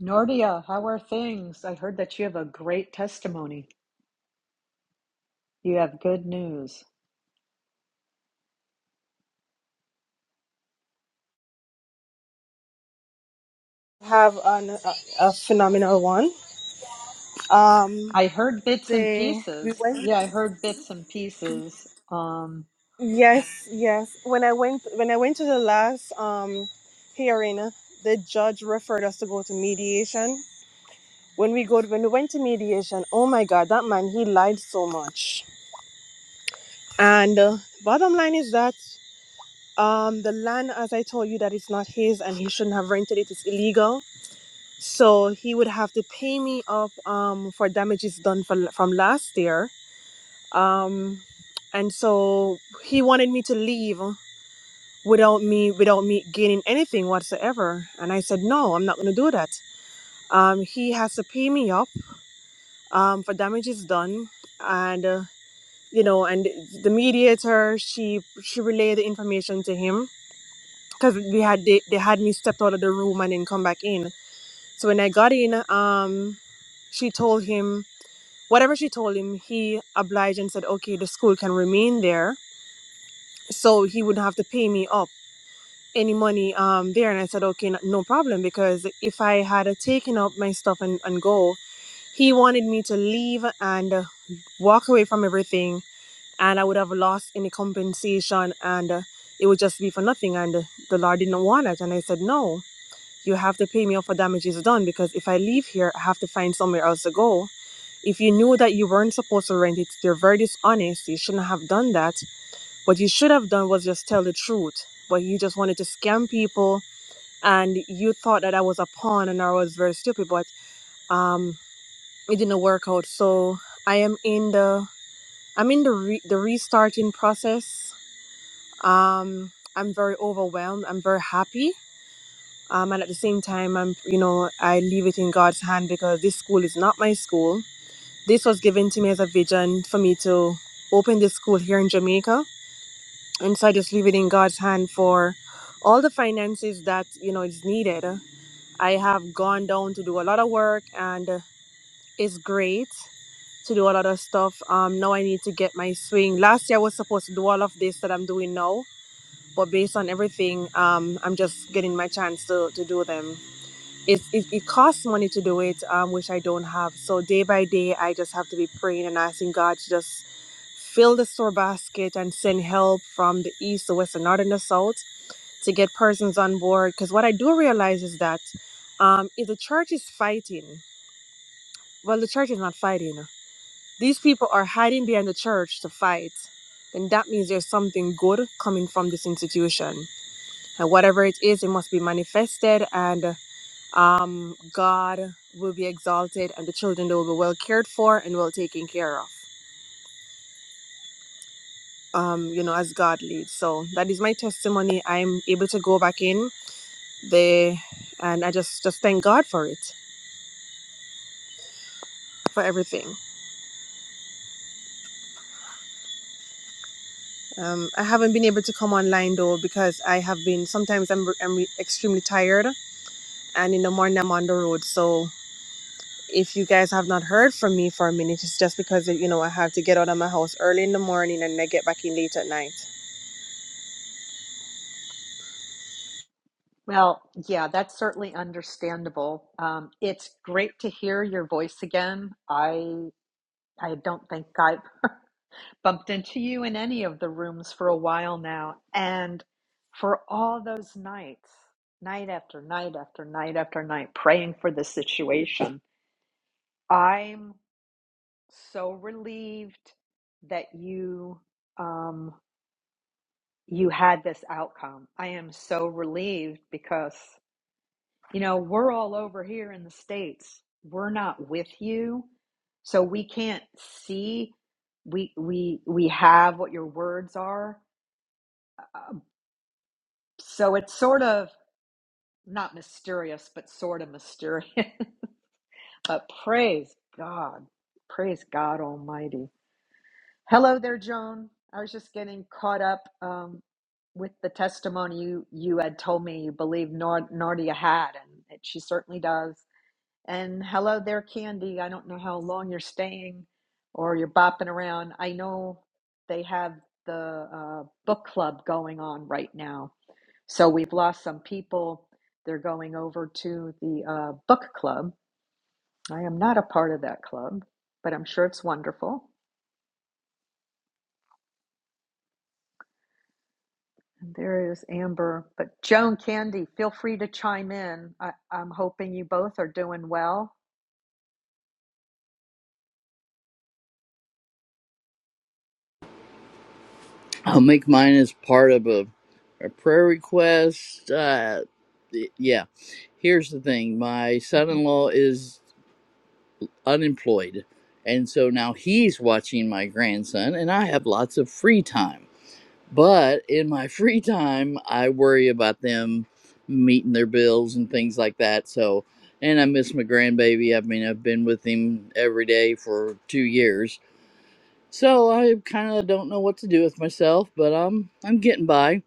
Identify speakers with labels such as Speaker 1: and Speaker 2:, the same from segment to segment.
Speaker 1: Nordia, how are things? I heard that you have a great testimony. You have good news.
Speaker 2: have an, a, a phenomenal one. Um,
Speaker 1: I heard bits and
Speaker 2: they we
Speaker 1: pieces.
Speaker 2: went.
Speaker 1: Yeah, I heard bits and pieces. Um,
Speaker 2: Yes, yes. When I went, when I went to the last um hearing, the judge referred us to go to mediation. When we go, when we went to mediation, oh my God, that man he lied so much. And uh, bottom line is that um the land, as I told you, that it's not his and he shouldn't have rented it. It's illegal. So he would have to pay me up um for damages done for, from last year um and so he wanted me to leave without me without me gaining anything whatsoever and i said no i'm not going to do that um he has to pay me up um for damages done and uh, you know and the mediator she she relayed the information to him because we had they, they had me stepped out of the room and then come back in so when i got in um she told him whatever she told him he obliged and said okay the school can remain there so he wouldn't have to pay me up any money um there and i said okay n- no problem because if i had uh, taken up my stuff and, and go he wanted me to leave and uh, walk away from everything and i would have lost any compensation and uh, it would just be for nothing and uh, the lord didn't want it and i said no you have to pay me up for damages done because if i leave here i have to find somewhere else to go if you knew that you weren't supposed to rent it you're very dishonest you shouldn't have done that what you should have done was just tell the truth, but you just wanted to scam people and you thought that I was a pawn and I was very stupid, but um, it didn't work out. So I am in the I'm in the re- the restarting process. Um, I'm very overwhelmed. I'm very happy. Um, and at the same time, I'm you know I leave it in God's hand because this school is not my school. This was given to me as a vision for me to open this school here in Jamaica and so i just leave it in god's hand for all the finances that you know is needed i have gone down to do a lot of work and uh, it's great to do a lot of stuff um now i need to get my swing last year i was supposed to do all of this that i'm doing now but based on everything um i'm just getting my chance to to do them it, it, it costs money to do it um which i don't have so day by day i just have to be praying and asking god to just fill the store basket and send help from the east the west the north and the south to get persons on board. Because what I do realize is that um, if the church is fighting, well, the church is not fighting. uh, These people are hiding behind the church to fight. Then that means there's something good coming from this institution, and whatever it is, it must be manifested, and um, God will be exalted, and the children they will be well cared for and well taken care of. Um, you know, as God leads. So that is my testimony. I'm able to go back in there, and I just just thank God for it. for everything. Um, I haven't been able to come online though because I have been sometimes I'm, I'm extremely tired and in the morning I'm on the road. So if you guys have not heard from me for a minute, it's just because you know I have to get out of my house early in the morning and I get back in late at night.
Speaker 1: well, yeah, that's certainly understandable. Um, it's great to hear your voice again. I I don't think I've bumped into you in any of the rooms for a while now, and for all those nights, night after night after night after night, praying for the situation. I'm so relieved that you um you had this outcome. I am so relieved because you know, we're all over here in the states. We're not with you. So we can't see we we we have what your words are. Um, so it's sort of not mysterious, but sort of mysterious. but praise God. Praise God almighty. Hello there, Joan. I was just getting caught up um, with the testimony you, you had told me you believe Nor- Nardia had, and it, she certainly does. And hello there, Candy. I don't know how long you're staying or you're bopping around. I know they have the uh, book club going on right now. So we've lost some people. They're going over to the uh, book club. I am not a part of that club, but I'm sure it's wonderful. And there is Amber. But Joan Candy, feel free to chime in. I, I'm hoping you both are doing well.
Speaker 3: I'll make mine as part of a, a prayer request. Uh, yeah. Here's the thing my son
Speaker 1: Mhm.
Speaker 3: in law is unemployed. And so now he's watching my grandson, and I have lots of free time. But in my free time, I worry about them meeting their bills and things like that. So, and I miss my grandbaby. I mean, I've been with him every day for two years so I kind of don't know what to do with myself, but I'm I'm getting by.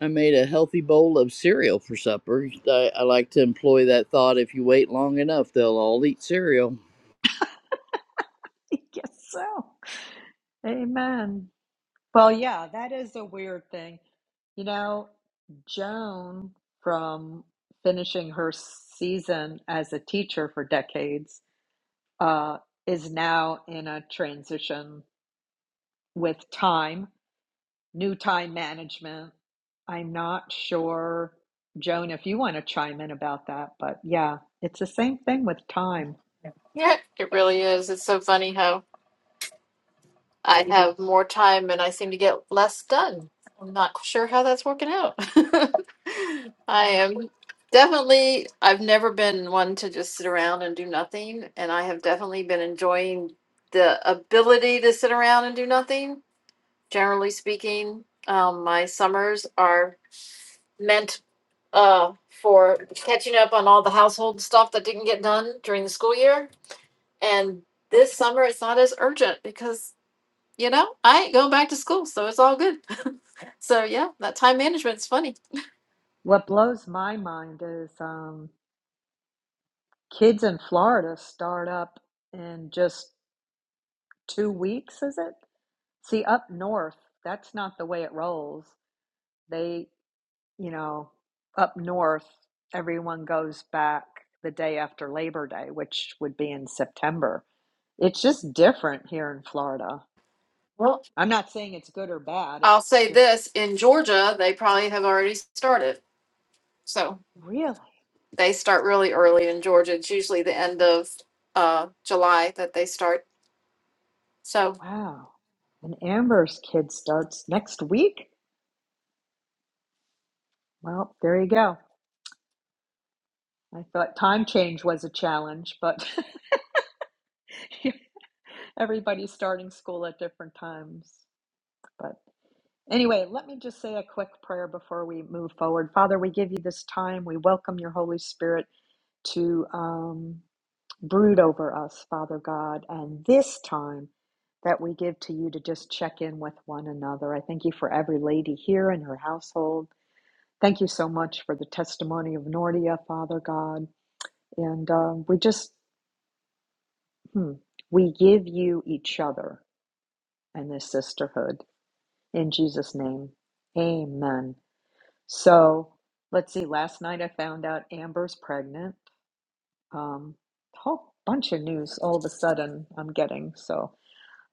Speaker 3: I made a healthy bowl of cereal for supper. I, I like to employ that thought: if you wait long enough, they'll all eat cereal.
Speaker 1: yes, so. Amen. Well, yeah, that is a weird thing. You know, Joan, from finishing her season as a teacher for decades, uh, is now in a transition with time new time management. I'm not sure, Joan, if you want to chime in about that, but yeah, it's the same thing with time.
Speaker 4: Yeah, it really is. It's so funny how I have more time and I seem to get less done. I'm not sure how that's working out. I am definitely, I've never been one to just sit around and do nothing, and I have definitely been enjoying the ability to sit around and do nothing. Generally speaking, um, my summers are meant uh, for catching up on all the household stuff that didn't get done during the school year. And this summer, it's not as urgent because, you know, I ain't going back to school, so it's all good. so, yeah, that time management's funny.
Speaker 1: What blows my mind is um, kids in Florida start up in just two weeks, is it? See, up north, that's not the way it rolls. They, you know, up north, everyone goes back the day after Labor Day, which would be in September. It's just different here in Florida.
Speaker 4: Well,
Speaker 1: I'm not saying it's good or bad.
Speaker 4: I'll
Speaker 1: It's
Speaker 4: say
Speaker 1: just
Speaker 4: this in Georgia, they probably have already started. So
Speaker 1: really,
Speaker 4: they start really early in Georgia. It's usually the end of uh, July that they start. So,
Speaker 1: wow. And Amber's kid starts next week. Well, there you go. I thought time change was a challenge, but everybody's starting school at different times. But anyway, let me just say a quick prayer before we move forward. Father, we give you this time. We welcome your Holy Spirit to. Um, Brood over us, Father God, and this time that we give to you to just check in with one another. I thank you for every lady here and her household. Thank you so much for the testimony of Nordia, Father God. And um, we just, hmm, we give you each other and this sisterhood in Jesus' name. Amen. So let's see. Last night I found out Amber's pregnant. Um, whole bunch of news all of a sudden I'm getting. So.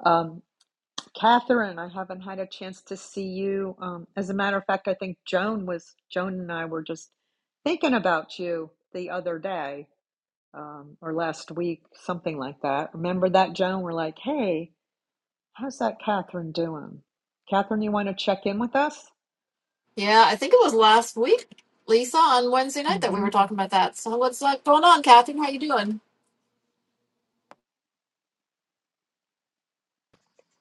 Speaker 1: Um, Catherine, I haven't had a chance to see you. Um, as a matter of fact, I think Joan was Joan and I were just thinking about you the other day um, or last week, something like that. Remember that, Joan? We're like, hey, how's that Catherine doing? Catherine, you want to check in with us?
Speaker 4: yeah, I think it was last week, Lisa, on Wednesday night that we
Speaker 1: Mm-hmm.
Speaker 4: were talking about that. So, what's like going on, Kathy? How you doing?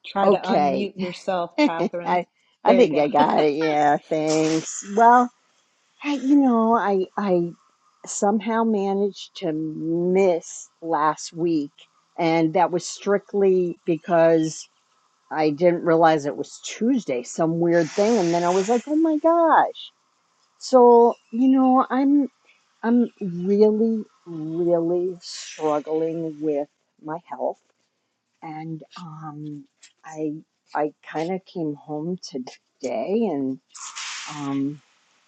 Speaker 1: Try to
Speaker 5: Okay.
Speaker 1: unmute yourself, Catherine.
Speaker 5: I I
Speaker 1: There you
Speaker 5: think
Speaker 1: go.
Speaker 5: I got it. Yeah, thanks. Well, I, you know, I I somehow managed to miss last week, and that was strictly because I didn't realize it was Tuesday, some weird thing, and then I was like, "Oh my gosh." So, you know, I'm I'm really really struggling with my health and um, I I kind of came home today, and um,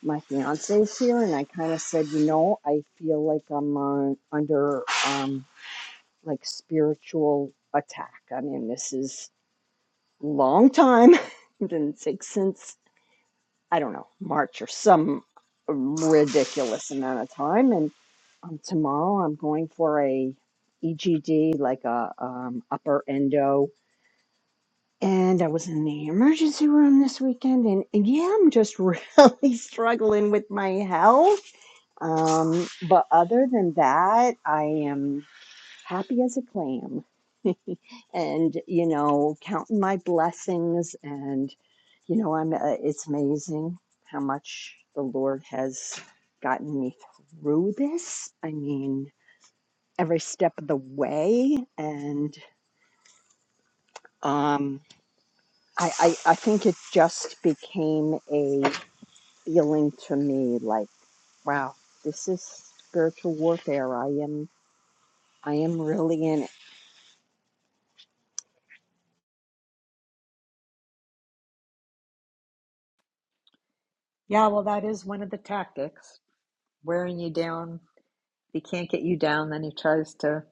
Speaker 5: my fiance's here, and I kind of said, you know, I feel like I'm on, under um, like spiritual attack. I mean, this is long time. it didn't take since I don't know March or some ridiculous amount of time, and um, tomorrow I'm going for a EGD, like a um, upper endo and I was in the emergency room this weekend, and, and yeah, I'm just really struggling with my health. Um, but other than that, I am happy as a clam, and you know, counting my blessings, and you know, I'm. Uh, it's amazing how much the Lord has gotten me through this. I mean, every step of the way, and um, I, I I think it just became a feeling to me like, wow, this is spiritual warfare. I am, I am really in it.
Speaker 1: yeah, well, that is one of the tactics, wearing you down. If he can't get you down, then he tries to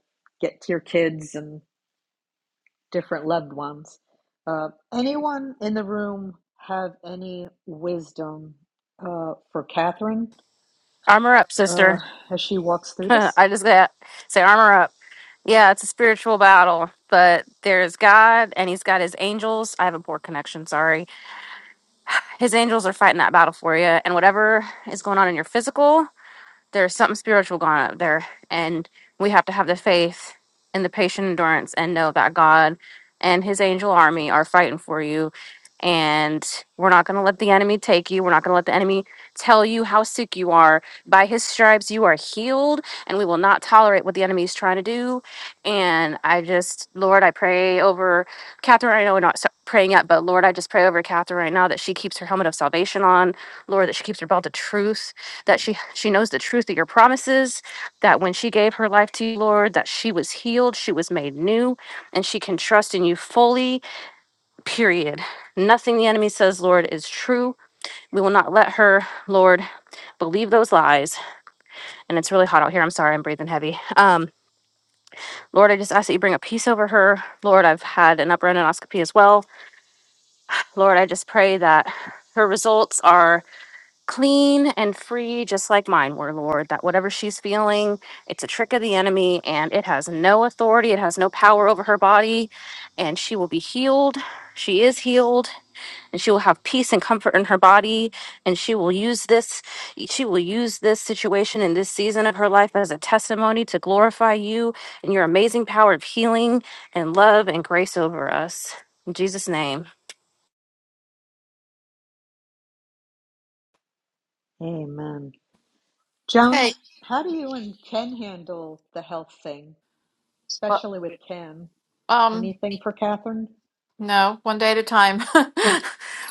Speaker 1: get to your kids and different loved ones. Uh, anyone in the room have any wisdom uh, for Catherine
Speaker 6: Armor up,
Speaker 1: uh,
Speaker 6: sister.
Speaker 1: as she walks through this?
Speaker 6: I just got say armor up. Yeah, it's a spiritual battle, but there's God and he's got his angels. I have a poor connection, sorry. His angels are fighting that battle for you and whatever is going on in your physical, there's something spiritual going up there and we have to have the faith and the patient endurance and know that god and his angel army are fighting for you and we're not going to let the enemy take you we're not going to let the enemy tell you how sick you are by his stripes you are healed and we will not tolerate what the enemy is trying to do and i just lord i pray over catherine i know we're not s- praying yet but lord i just pray over catherine right now that she keeps her helmet of salvation on lord that she keeps her belt of truth that she she knows the truth of your promises that when she gave her life to you lord that she was healed she was made new and she can trust in you fully period nothing the enemy says lord is true we will not let her lord believe those lies and it's really hot out here i'm sorry i'm breathing heavy um lord i just ask that you bring a peace over her lord i've had an upper endoscopy as well lord i just pray that her results are clean and free, just like mine were, Lord, that whatever she's feeling, it's a trick of the enemy and it has no authority, it has no power over her body, and she will be healed. She is healed and she will have peace and comfort in her body and she will use this she will use this situation in this season of her life as a testimony to glorify you and your amazing power of healing and love and grace over us. In Jesus name.
Speaker 1: Amen. Joan,
Speaker 4: Hey,
Speaker 1: how do you and Ken handle the health thing,
Speaker 4: uh,
Speaker 1: especially with Ken?
Speaker 4: um,
Speaker 1: Anything for Catherine?
Speaker 4: No, one day at a time.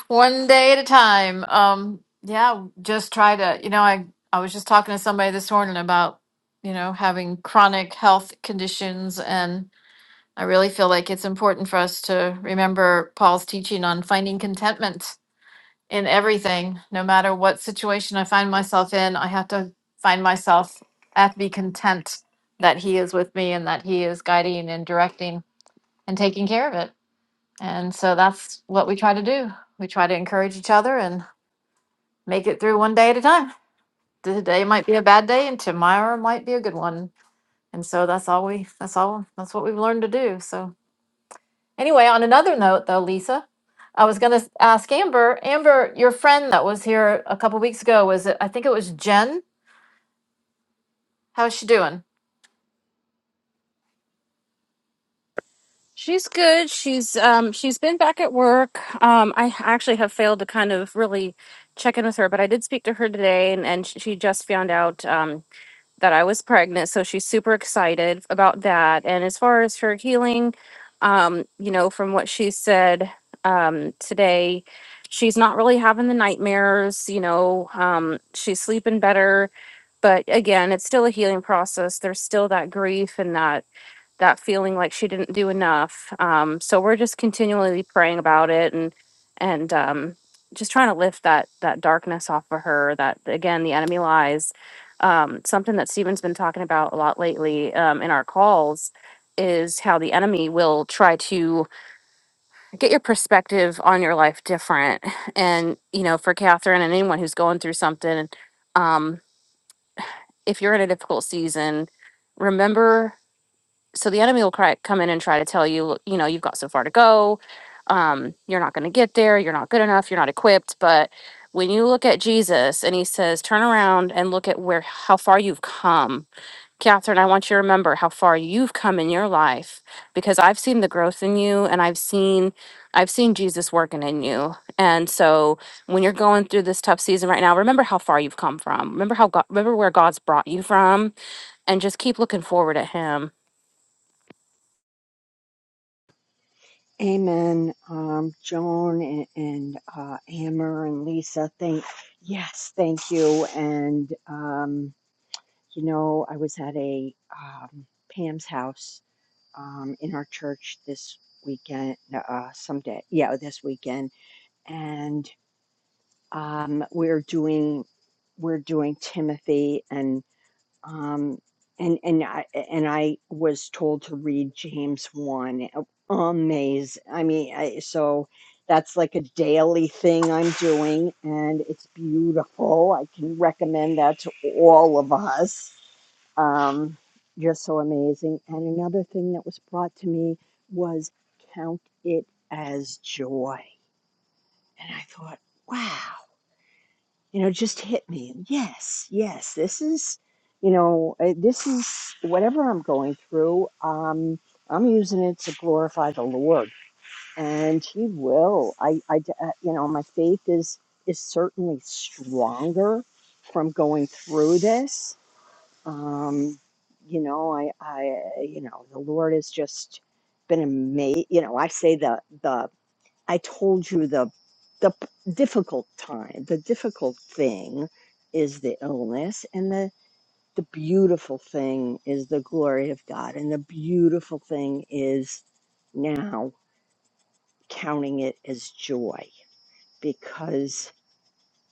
Speaker 4: One day at a time. Um, yeah, just try to, you know, I I was just talking to somebody this morning about, you know, having chronic health conditions and I really feel like it's important for us to remember Paul's teaching on finding contentment in everything, no matter what situation I find myself in. I have to find myself, I have to be content that he is with me and that he is guiding and directing and taking care of it. And so that's what we try to do. We try to encourage each other and make it through one day at a time. Today might be a bad day and tomorrow might be a good one. And so that's all we that's all that's what we've learned to do. So anyway, on another note though, Lisa, I was going to ask Amber, Amber, your friend that was here a couple weeks ago was it I think it was Jen. How's she doing?
Speaker 6: She's good. She's um she's been back at work. Um I actually have failed to kind of really check in with her, but I did speak to her today and and she just found out um that I was pregnant, so she's super excited about that. And as far as her healing, um you know, from what she said um today, she's not really having the nightmares, you know, um she's sleeping better, but again, it's still a healing process. There's still that grief and that that feeling like she didn't do enough. Um, so we're just continually praying about it and and um, just trying to lift that that darkness off of her. That again, the enemy lies. Um, something that Stephen's been talking about a lot lately um, in our calls is how the enemy will try to get your perspective on your life different. And you know, for Catherine and anyone who's going through something, um, if you're in a difficult season, remember so the enemy will cry, come in and try to tell you, you know, you've got so far to go. Um, you're not going to get there. You're not good enough. You're not equipped. But when you look at Jesus and he says, turn around and look at where, how far you've come. Catherine, I want you to remember how far you've come in your life because I've seen the growth in you and I've seen, I've seen Jesus working in you. And so when you're going through this tough season right now, remember how far you've come from. Remember how God, remember where God's brought you from and just keep looking forward at him
Speaker 5: Amen. Um, Joan and, and uh, Amber and Lisa, thank, yes, thank you. And, um, you know, I was at a, um, Pam's house, um, in our church this weekend, uh, someday. Yeah, this weekend. And, um, we're doing, we're doing Timothy and. Um, and and I and I was told to read James one. Amazing. I mean, I, so that's like a daily thing I'm doing, and it's beautiful. I can recommend that to all of us. Um, just so amazing. And another thing that was brought to me was count it as joy. And I thought, wow you know, just hit me. Yes, yes, this is, you know, uh, this is whatever I'm going through. Um, I'm using it to glorify the Lord, and He will. I, I, d- uh, you know, my faith is is certainly stronger from going through this. Um, you know, I, I, you know, the Lord has just been amazing. You know, I say the the I told you the the difficult time, the difficult thing is the illness and the the beautiful thing is the glory of God and the beautiful thing is now counting it as joy because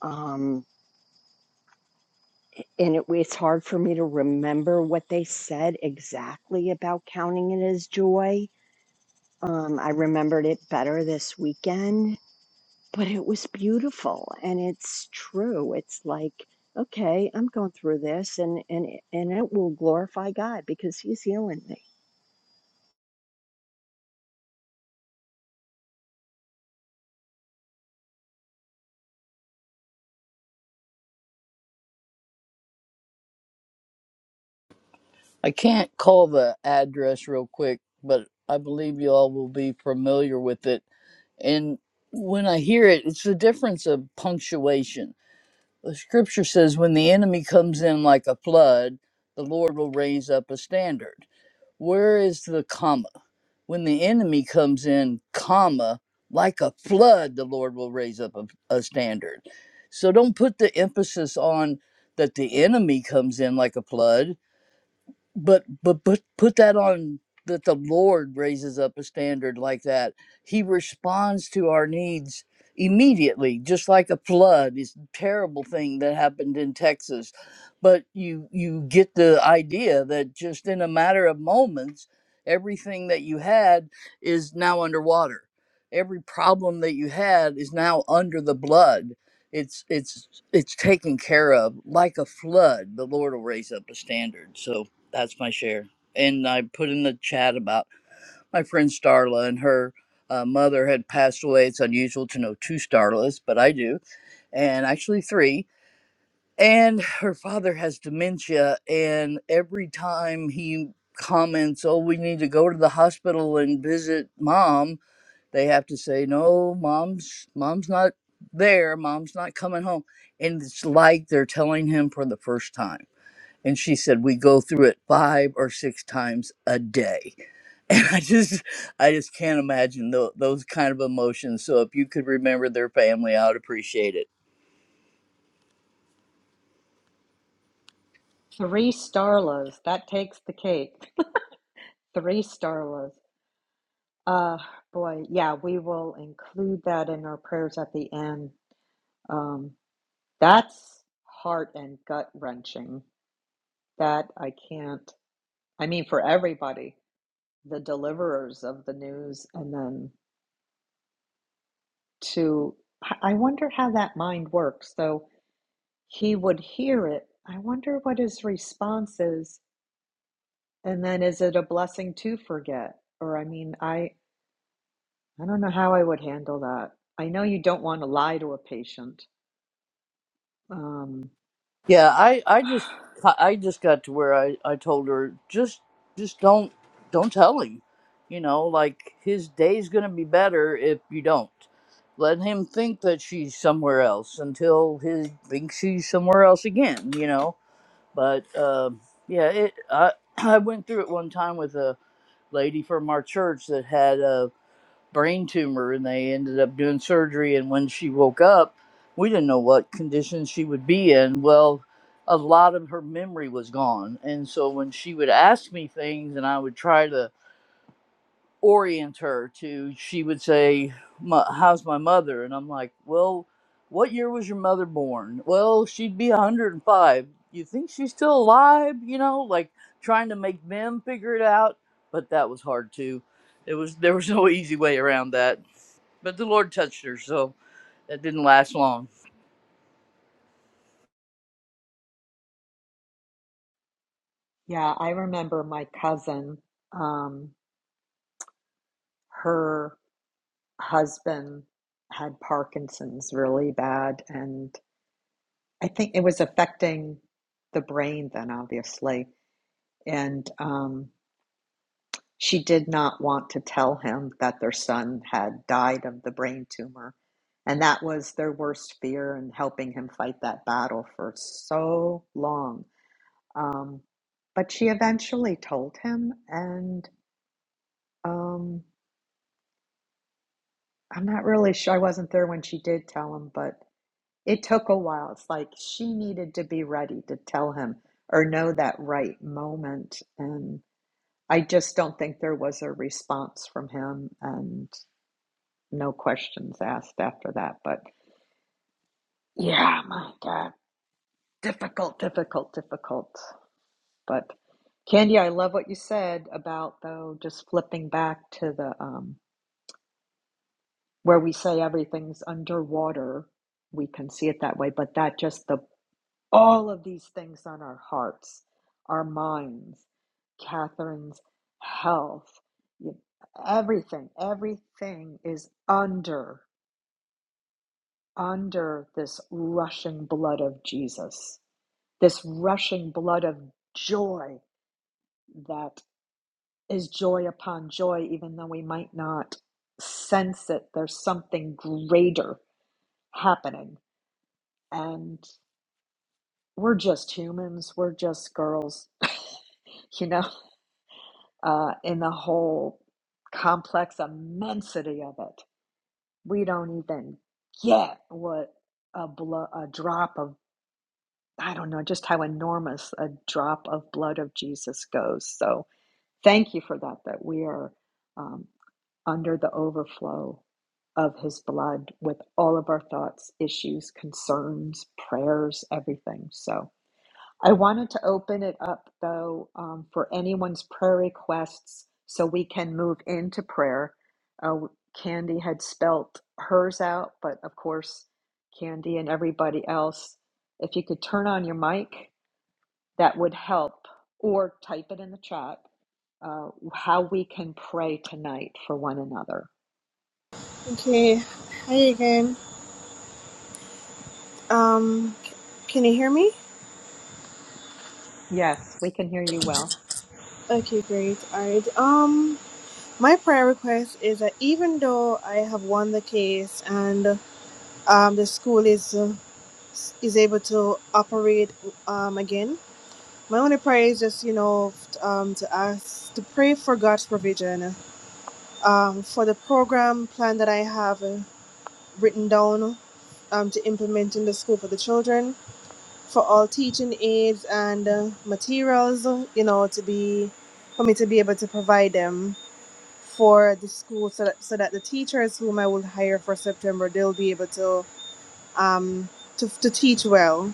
Speaker 5: um and it, it's hard for me to remember what they said exactly about counting it as joy. Um, I remembered it better this weekend but it was beautiful and it's true it's like okay i'm going through this and and and it will glorify god because he's healing me
Speaker 3: I can't call the address real quick, but I believe you all will be familiar with it. And when I hear it, it's the difference of punctuation. The scripture says, "When the enemy comes in like a flood, the Lord will raise up a standard." Where is the comma? When the enemy comes in, comma, like a flood, the Lord will raise up a, a standard. So don't put the emphasis on that the enemy comes in like a flood but but put put that on that the lord raises up a standard like that he responds to our needs immediately just like a flood is a terrible thing that happened in texas but you you get the idea that just in a matter of moments everything that you had is now underwater every problem that you had is now under the blood it's it's it's taken care of like a flood the lord will raise up a standard so that's my share. And I put in the chat about my friend Starla and her uh, mother had passed away. It's unusual to know two Starlas, but I do, and actually three. And her father has dementia, and every time he comments, "Oh, we need to go to the hospital and visit mom," they have to say, "No, mom's mom's not there. Mom's not coming home," and it's like they're telling him for the first time and she said we go through it five or six times a day and i just i just can't imagine tho- those kind of emotions so if you could remember their family i would appreciate it
Speaker 1: Three Starlas. That takes the cake. Three Starlas. Uh, boy, yeah, we will include that in our prayers at the end. Um, That's heart and gut wrenching. That I can't, I mean, for everybody, the deliverers of the news, and then to, I wonder how that mind works. So he would hear it. I wonder what his response is. And then is it a blessing to forget? Or, I mean, I, I don't know how I would handle that. I know you don't want to lie to a patient. Um,
Speaker 3: yeah i i just i just got to where i i told her just just don't don't tell him you know like his day's gonna be better if you don't let him think that she's somewhere else until he thinks she's somewhere else again you know but um, yeah, it I I went through it one time with a lady from our church that had a brain tumor, and they ended up doing surgery. And when she woke up, we didn't know what condition she would be in. Well, a lot of her memory was gone, and so when she would ask me things, and I would try to orient her to she would say how's my mother and i'm like well what year was your mother born well she'd be 105 you think she's still alive you know like trying to make them figure it out but that was hard too it was there was no easy way around that but the lord touched her so that didn't last long
Speaker 1: yeah, I remember my cousin, um, her. husband had Parkinson's really bad, and I think it was affecting the brain then, obviously. And um, she did not want to tell him that their son had died of the brain tumor. And that was their worst fear and helping him fight that battle for so long. Um, but she eventually told him, and um, I'm not really sure. I wasn't there when she did tell him, but It took a while. It's like she needed to be ready to tell him or know that right moment. And I just don't think there was a response from him and no questions asked after that. But yeah, my God, difficult, difficult, difficult. But Candy, I love what you said about though just flipping back to the um, where we say everything's underwater. We can see it that way, but that just the all of these things on our hearts, our minds, Catherine's health, everything, everything is under, under this rushing blood of Jesus, this rushing blood of joy that is joy upon joy, even though we might not sense it. There's something greater happening. And we're just humans, we're just girls. you know uh, in the whole complex immensity of it. We don't even get what a, blo- a drop of, I don't know, just how enormous a drop of blood of Jesus goes. So thank you for that, that we are um, under the overflow of his blood with all of our thoughts, issues, concerns, prayers, everything. So I wanted to open it up, though, um, for anyone's prayer requests so we can move into prayer. Uh, Candy had spelt hers out, but of course, Candy and everybody else, if you could turn on your mic, that would help, or type it in the chat uh, how we can pray tonight for one another.
Speaker 2: Okay, hi again. Um, can you hear me?
Speaker 1: Yes, we can hear you well.
Speaker 2: Okay, great. All right. Um, my prayer request is that even though I have won the case and um, the school is uh, is able to operate um, again. My only prayer is just, you know, f- um, to ask, to pray for God's provision um, for the program plan that I have uh, written down um, to implement in the school for the children, for all teaching aids and uh, materials, you know, to be, for me to be able to provide them for the school so that, so that the teachers whom I will hire for September, they'll be able to, um, to, to teach well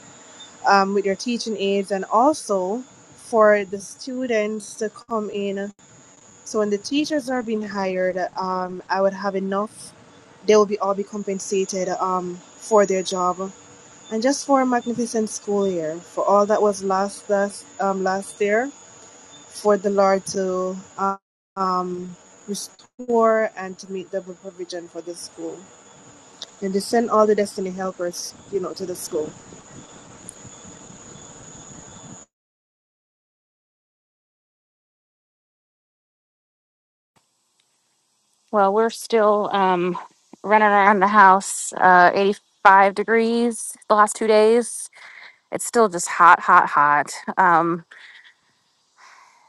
Speaker 2: um, with their teaching aids and also for the students to come in. So when the teachers are being hired, um, I would have enough. They will be all be compensated um, for their job. And just for a magnificent school year, for all that was last last, um, last year, for the Lord to um, um, restore and to meet double provision for the school, and to send all the destiny helpers, you know, to the school.
Speaker 6: Well, we're still um, running around the house, uh, 85 degrees the last two days. It's still just hot, hot, hot. Um,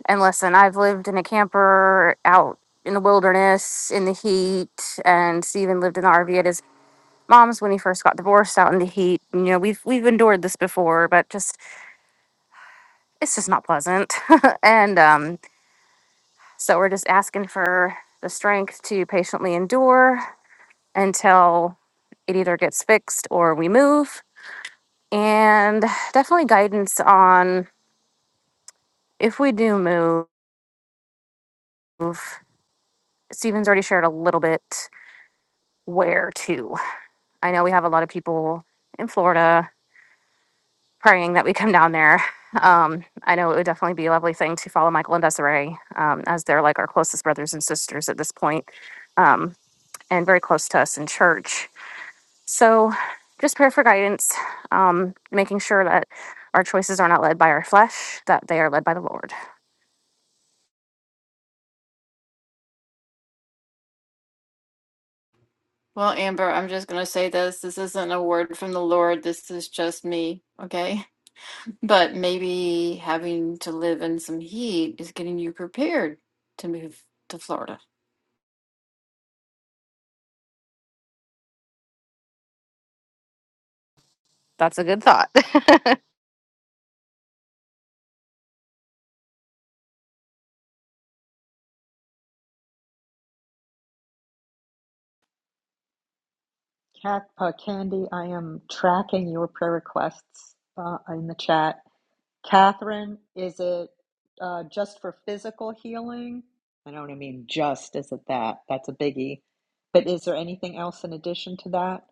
Speaker 6: and listen, I've lived in a camper out in the wilderness in the heat, and Steven lived in the RV at his mom's when he first got divorced out in the heat. You know, we've we've endured this before, but just it's just not pleasant. and um, so we're just asking for the strength to patiently endure until it either gets fixed or we move. And definitely guidance on if we do move. Stephen's already shared a little bit where to. I know we have a lot of people in Florida praying that we come down there. Um, I know it would definitely be a lovely thing to follow Michael and Desiree um, as they're like our closest brothers and sisters at this point um, and very close to us in church So, just prayer for guidance, um, making sure that our choices are not led by our flesh, that they are led by the Lord.
Speaker 4: Well, Amber, I'm just going to say this. This isn't a word from the Lord. This is just me, okay? But maybe having to live in some heat is getting you prepared to move to Florida.
Speaker 6: That's a good thought.
Speaker 1: Cat, uh, Candy, I am tracking your prayer requests uh, in the chat Catherine, is it uh, just for physical healing? I don't mean just, is it that? That's a biggie. But is there anything else in addition to that?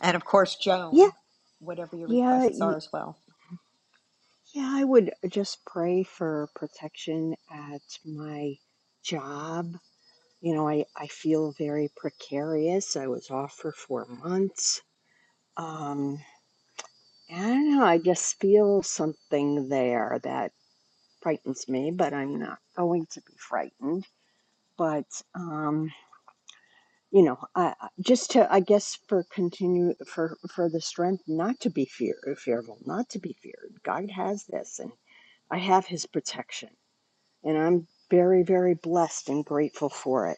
Speaker 1: And of course,
Speaker 5: yeah
Speaker 1: Joan, whatever your
Speaker 5: yeah
Speaker 1: requests
Speaker 5: y-
Speaker 1: are as well.
Speaker 5: yeah i would just pray for protection at my job you know i i feel very precarious i was off for four months um and i don't know i just feel something there that frightens me but i'm not going to be frightened but um, you know, I, I- just to, I guess, for continue for for the strength not to be fear uh, fearful, not to be feared. God has this, and I have His protection, and I'm very, very blessed and grateful for it.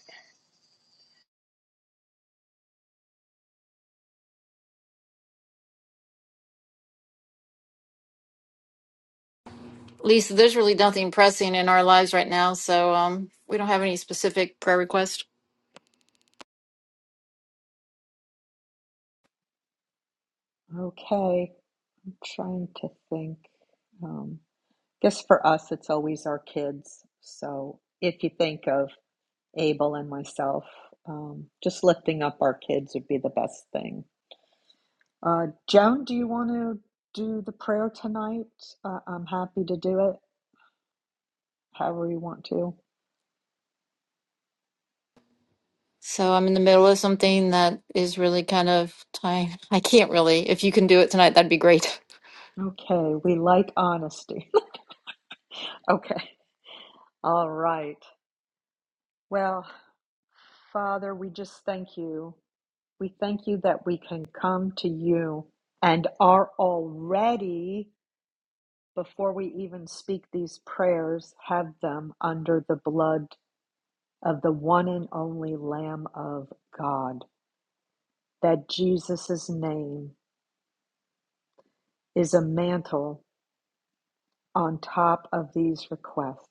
Speaker 4: Lisa, there's really nothing pressing in our lives right now, so um, we don't have any specific prayer request.
Speaker 1: Okay, I'm trying to think. Um, I guess for us, it's always our kids. So if you think of Abel and myself, um, just lifting up our kids would be the best thing. Uh, Joan, do you want to do the prayer tonight? Uh, I'm happy to do it however you want to.
Speaker 4: So I'm in the middle of something that is really kind of time. I can't really. If you can do it tonight, that'd be great.
Speaker 1: Okay, we like honesty. okay, all right. Well, Father, we just thank you. We thank you that we can come to you and are already, before we even speak these prayers, have them under the blood of the one and only Lamb of God. That Jesus' name is a mantle on top of these requests.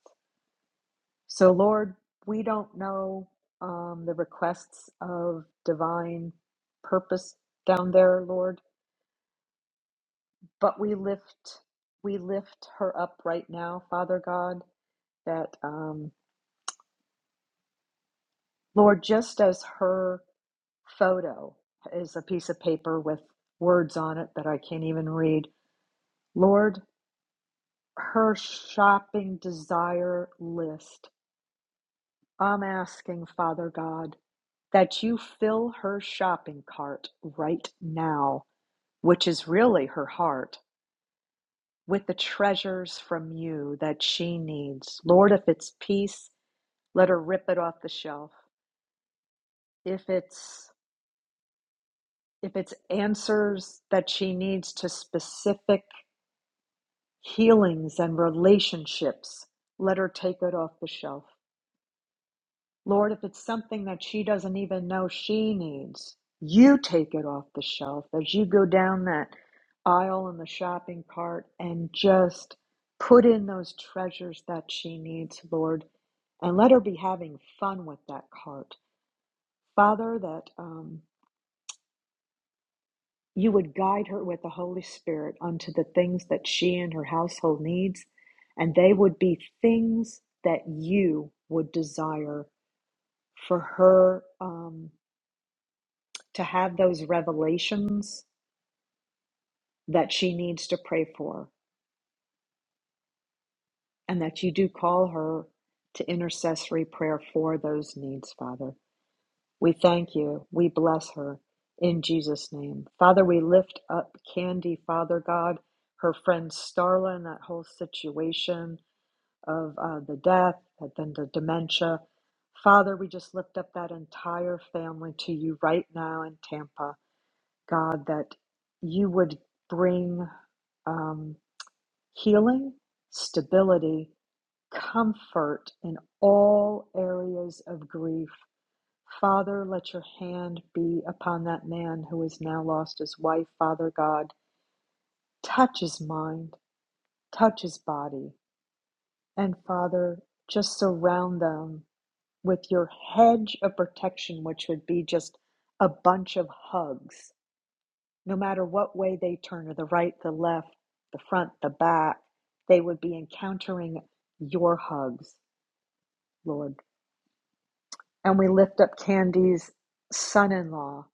Speaker 1: So, Lord, we don't know um, the requests of divine purpose down there, Lord, but we lift we lift her up right now, Father God. That um, Lord, just as her photo is a piece of paper with words on it that I can't even read, Lord, her shopping desire list I'm asking, Father God, that you fill her shopping cart right now, which is really her heart, with the treasures from you that she needs. Lord, if it's peace, let her rip it off the shelf. If it's if it's answers that she needs to specific healings and relationships, let her take it off the shelf. Lord, if it's something that she doesn't even know she needs, you take it off the shelf as you go down that aisle in the shopping cart and just put in those treasures that she needs, Lord, and let her be having fun with that cart. Father, that um, you would guide her with the Holy Spirit unto the things that she and her household needs, and they would be things that you would desire for her. Um, to have those revelations that she needs to pray for, and that you do call her to intercessory prayer for those needs, Father. We thank you. We bless her in Jesus' name. Father, we lift up Candy, Father God, her friend Starla, and that whole situation of uh, the death, and then the dementia. Father, we just lift up that entire family to you right now in Tampa. God, that you would bring um, healing, stability, comfort in all areas of grief. Father, let your hand be upon that man who has now lost his wife. Father God, touch his mind, touch his body. And Father, just surround them with your hedge of protection, which would be just a bunch of hugs no matter what way they turn or the right, the left, the front, the back, they would be encountering your hugs, Lord. And we lift up Candy's son in law,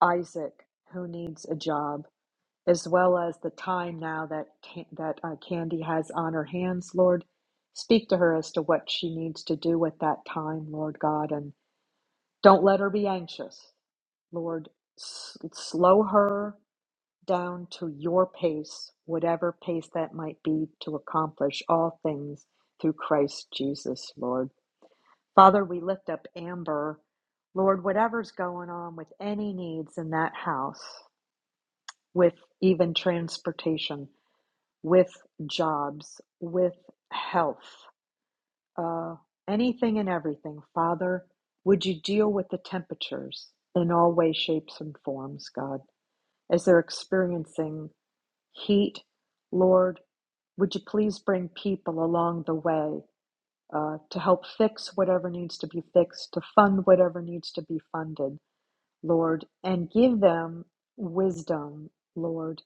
Speaker 1: Isaac, who needs a job, as well as the time now that, that uh, Candy has on her hands, Lord. Speak to her as to what she needs to do with that time, Lord God, and don't let her be anxious, Lord. S- slow her down to your pace, whatever pace that might be, to accomplish all things through Christ Jesus, Lord. Father, we lift up Amber. Lord, whatever's going on with any needs in that house, with even transportation, with jobs, with health, uh, anything and everything, Father, would you deal with the temperatures in all ways, shapes, and forms, God, as they're experiencing heat, Lord, Would you please bring people along the way uh, to help fix whatever needs to be fixed, to fund whatever needs to be funded, Lord, and give them wisdom, Lord,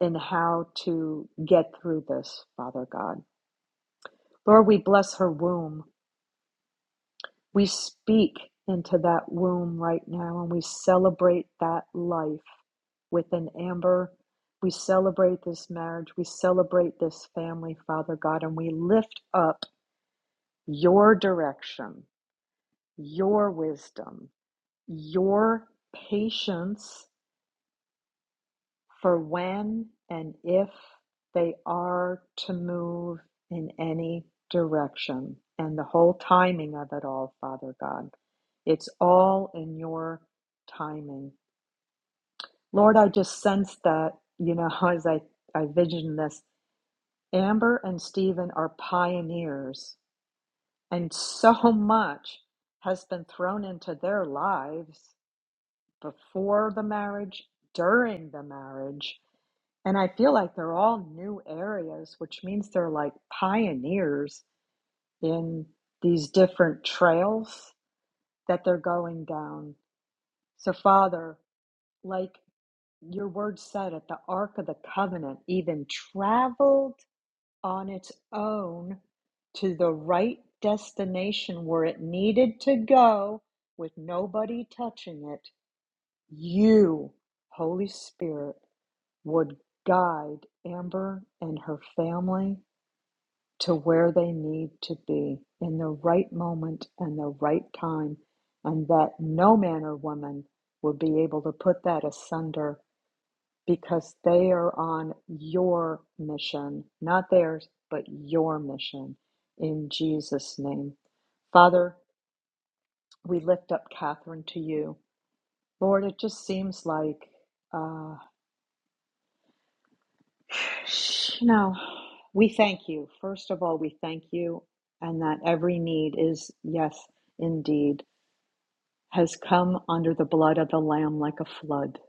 Speaker 1: in how to get through this, Father God. Lord, we bless her womb. We speak into that womb right now and we celebrate that life within Amber. We celebrate this marriage. We celebrate this family, Father God, and we lift up your direction, your wisdom, your patience for when and if they are to move in any direction and the whole timing of it all, Father God. It's all in your timing. Lord, I just sense that, you know, as I, I vision this, Amber and Stephen are pioneers, and so much has been thrown into their lives before the marriage, during the marriage. And I feel like they're all new areas, which means they're like pioneers in these different trails that they're going down. So, Father, like your word said at the Ark of the Covenant, even traveled on its own to the right destination where it needed to go with nobody touching it. You, Holy Spirit would guide Amber and her family to where they need to be in the right moment and the right time, and that no man or woman will be able to put that asunder because they are on your mission, not theirs, but your mission in Jesus' name. Father, we lift up Catherine to you. Lord, it just seems like. uh, You know, we thank you. First of all, we thank you, and that every need is, yes, indeed, has come under the blood of the Lamb like a flood.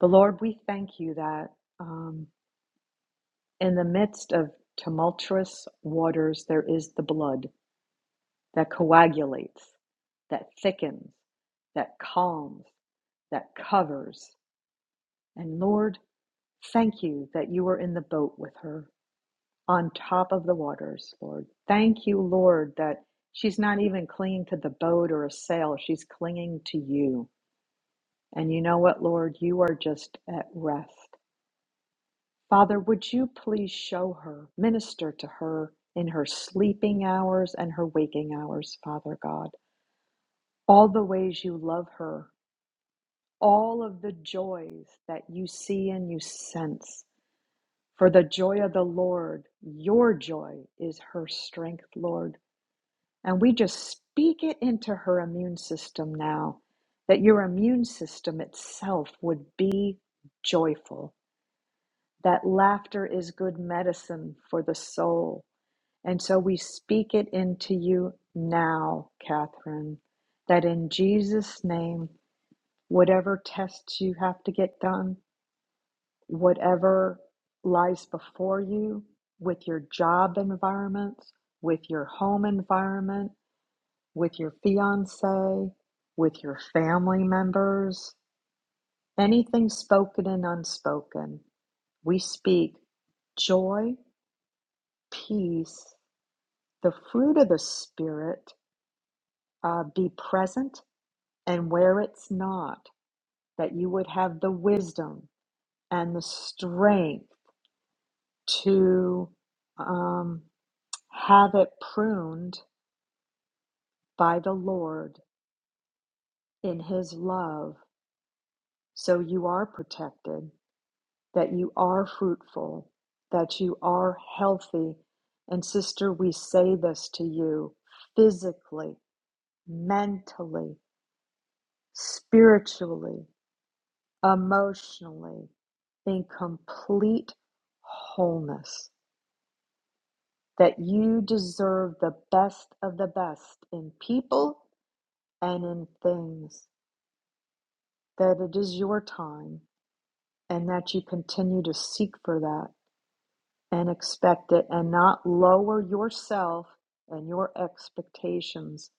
Speaker 1: But Lord, we thank you that um, in the midst of tumultuous waters, there is the blood that coagulates, that thickens, that calms, that covers. And Lord, thank you that you were in the boat with her. on top of the waters, Lord. Thank you, Lord, that she's not even clinging to the boat or a sail. She's clinging to you. And you know what, Lord? You are just at rest. Father, would you please show her, minister to her in her sleeping hours and her waking hours, Father God, all the ways you love her, all of the joys that you see and you sense. For the joy of the Lord, your joy is her strength, Lord. And we just speak it into her immune system now that your immune system itself would be joyful, that laughter is good medicine for the soul. And so we speak it into you now, Catherine, that in Jesus' name, whatever tests you have to get done, whatever lies before you with your job environments, with your home environment, with your fiance, with your family members, anything spoken and unspoken. We speak joy, peace, the fruit of the Spirit, uh, be present, and where it's not, that you would have the wisdom and the strength to um, have it pruned by the Lord in His love so you are protected that you are fruitful, that you are healthy. And sister, we say this to you physically, mentally, spiritually, emotionally, in complete wholeness, that you deserve the best of the best in people and in things, that it is your time, and that you continue to seek for that and expect it and not lower yourself and your expectations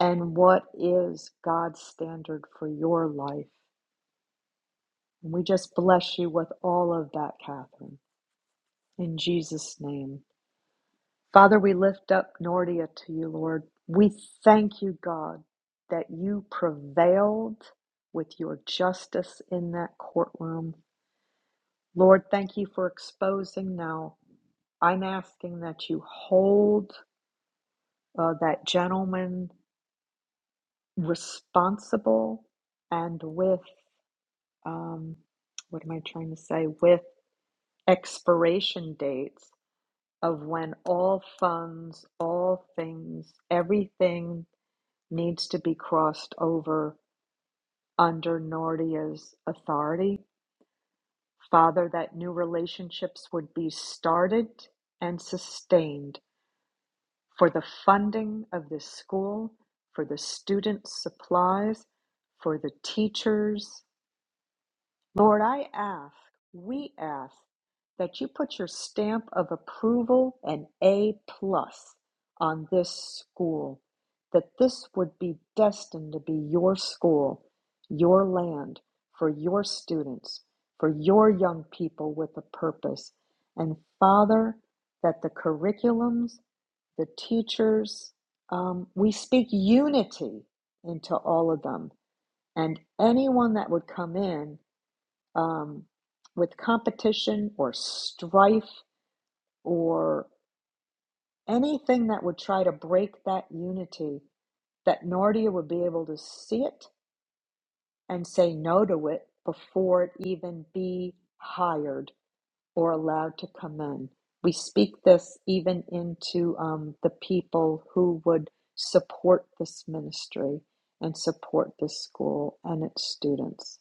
Speaker 1: and what is God's standard for your life. And we just bless you with all of that, Catherine, in Jesus' name. Father, we lift up Nordia to you, Lord. We thank you, God, that you prevailed with your justice in that courtroom. Lord, thank you for exposing now. I'm asking that you hold uh, that gentleman responsible and with um, what am I trying to say? With expiration dates of when all funds, all things, everything needs to be crossed over under Nordia's authority. Father, that new relationships would be started and sustained for the funding of this school, for the students' supplies, for the teachers. Lord, I ask, we ask that you put your stamp of approval and A plus on this school, that this would be destined to be your school, your land, for your students, for your young people with a purpose. And Father, that the curriculums, the teachers, um, we speak unity into all of them. And anyone that would come in um, with competition or strife or anything that would try to break that unity, that Nordia would be able to see it and say no to it before it even be hired or allowed to come in. We speak this even into um, the people who would support this ministry and support this school and its students.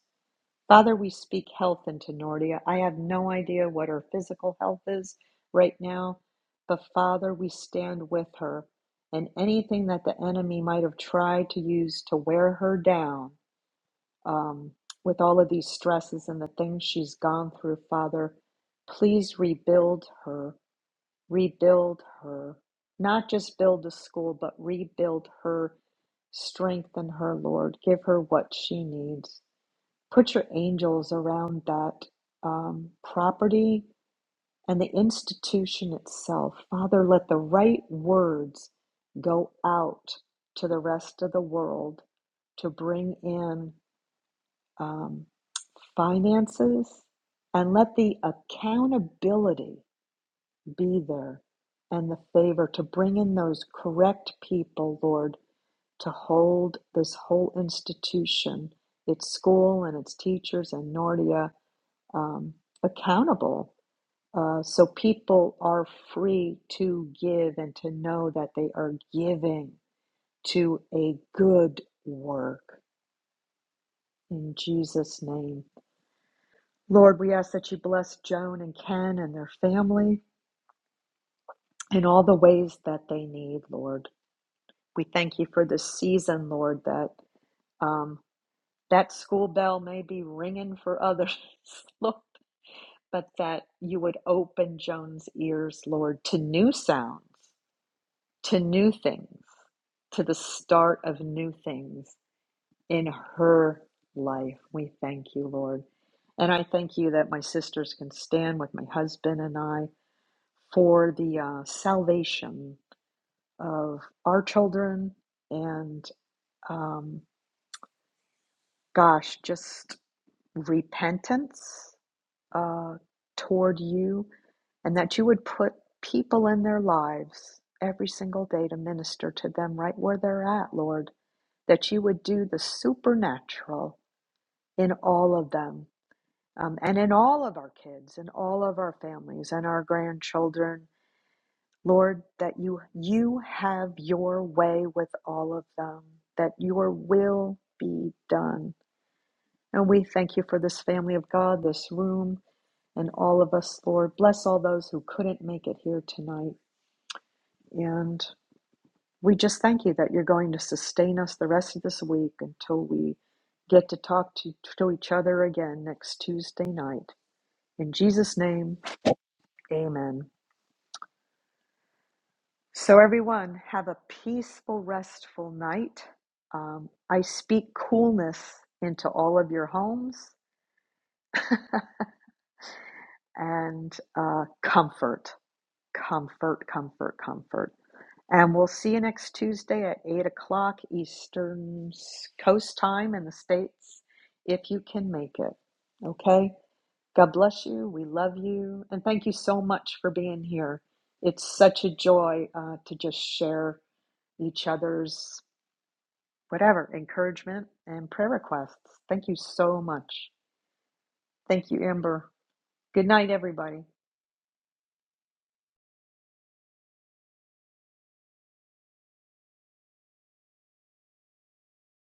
Speaker 1: Father, we speak health into Nordia. I have no idea what her physical health is right now, but Father, we stand with her. And anything that the enemy might have tried to use to wear her down um, with all of these stresses and the things she's gone through, Father, please rebuild her. Rebuild her. Not just build the school, but rebuild her. Strengthen her, Lord. Give her what she needs. Put your angels around that um, property and the institution itself. Father, let the right words go out to the rest of the world to bring in um, finances and let the accountability be there and the favor to bring in those correct people, Lord, to hold this whole institution, its school and its teachers and Nordia um, accountable uh, so people are free to give and to know that they are giving to a good work. In Jesus' name. Lord, we ask that you bless Joan and Ken and their family in all the ways that they need, Lord. We thank you for this season, Lord, that um, that school bell may be ringing for others, Lord, but that you would open Joan's ears, Lord, to new sounds to new things, to the start of new things in her life. We thank you, Lord. And I thank you that my sisters can stand with my husband and I for the uh, salvation of our children and, um, gosh, just repentance uh, toward you and that you would put people in their lives every single day to minister to them right where they're at, Lord that you would do the supernatural in all of them um, and in all of our kids and all of our families and our grandchildren lord that you you have your way with all of them that your will be done and we thank you for this family of god this room and all of us lord bless all those who couldn't make it here tonight And. We just thank you that you're going to sustain us the rest of this week until we get to talk to, to each other again next Tuesday night. In Jesus' name, amen. So, everyone, have a peaceful, restful night. Um, I speak coolness into all of your homes and uh, comfort. Comfort, comfort, comfort. And we'll see you next Tuesday at 8 o'clock Eastern Coast Time in the States if you can make it. Okay? God bless you. We love you. And thank you so much for being here. It's such a joy uh, to just share each other's whatever encouragement and prayer requests. Thank you so much. Thank you, Amber. Good night, everybody.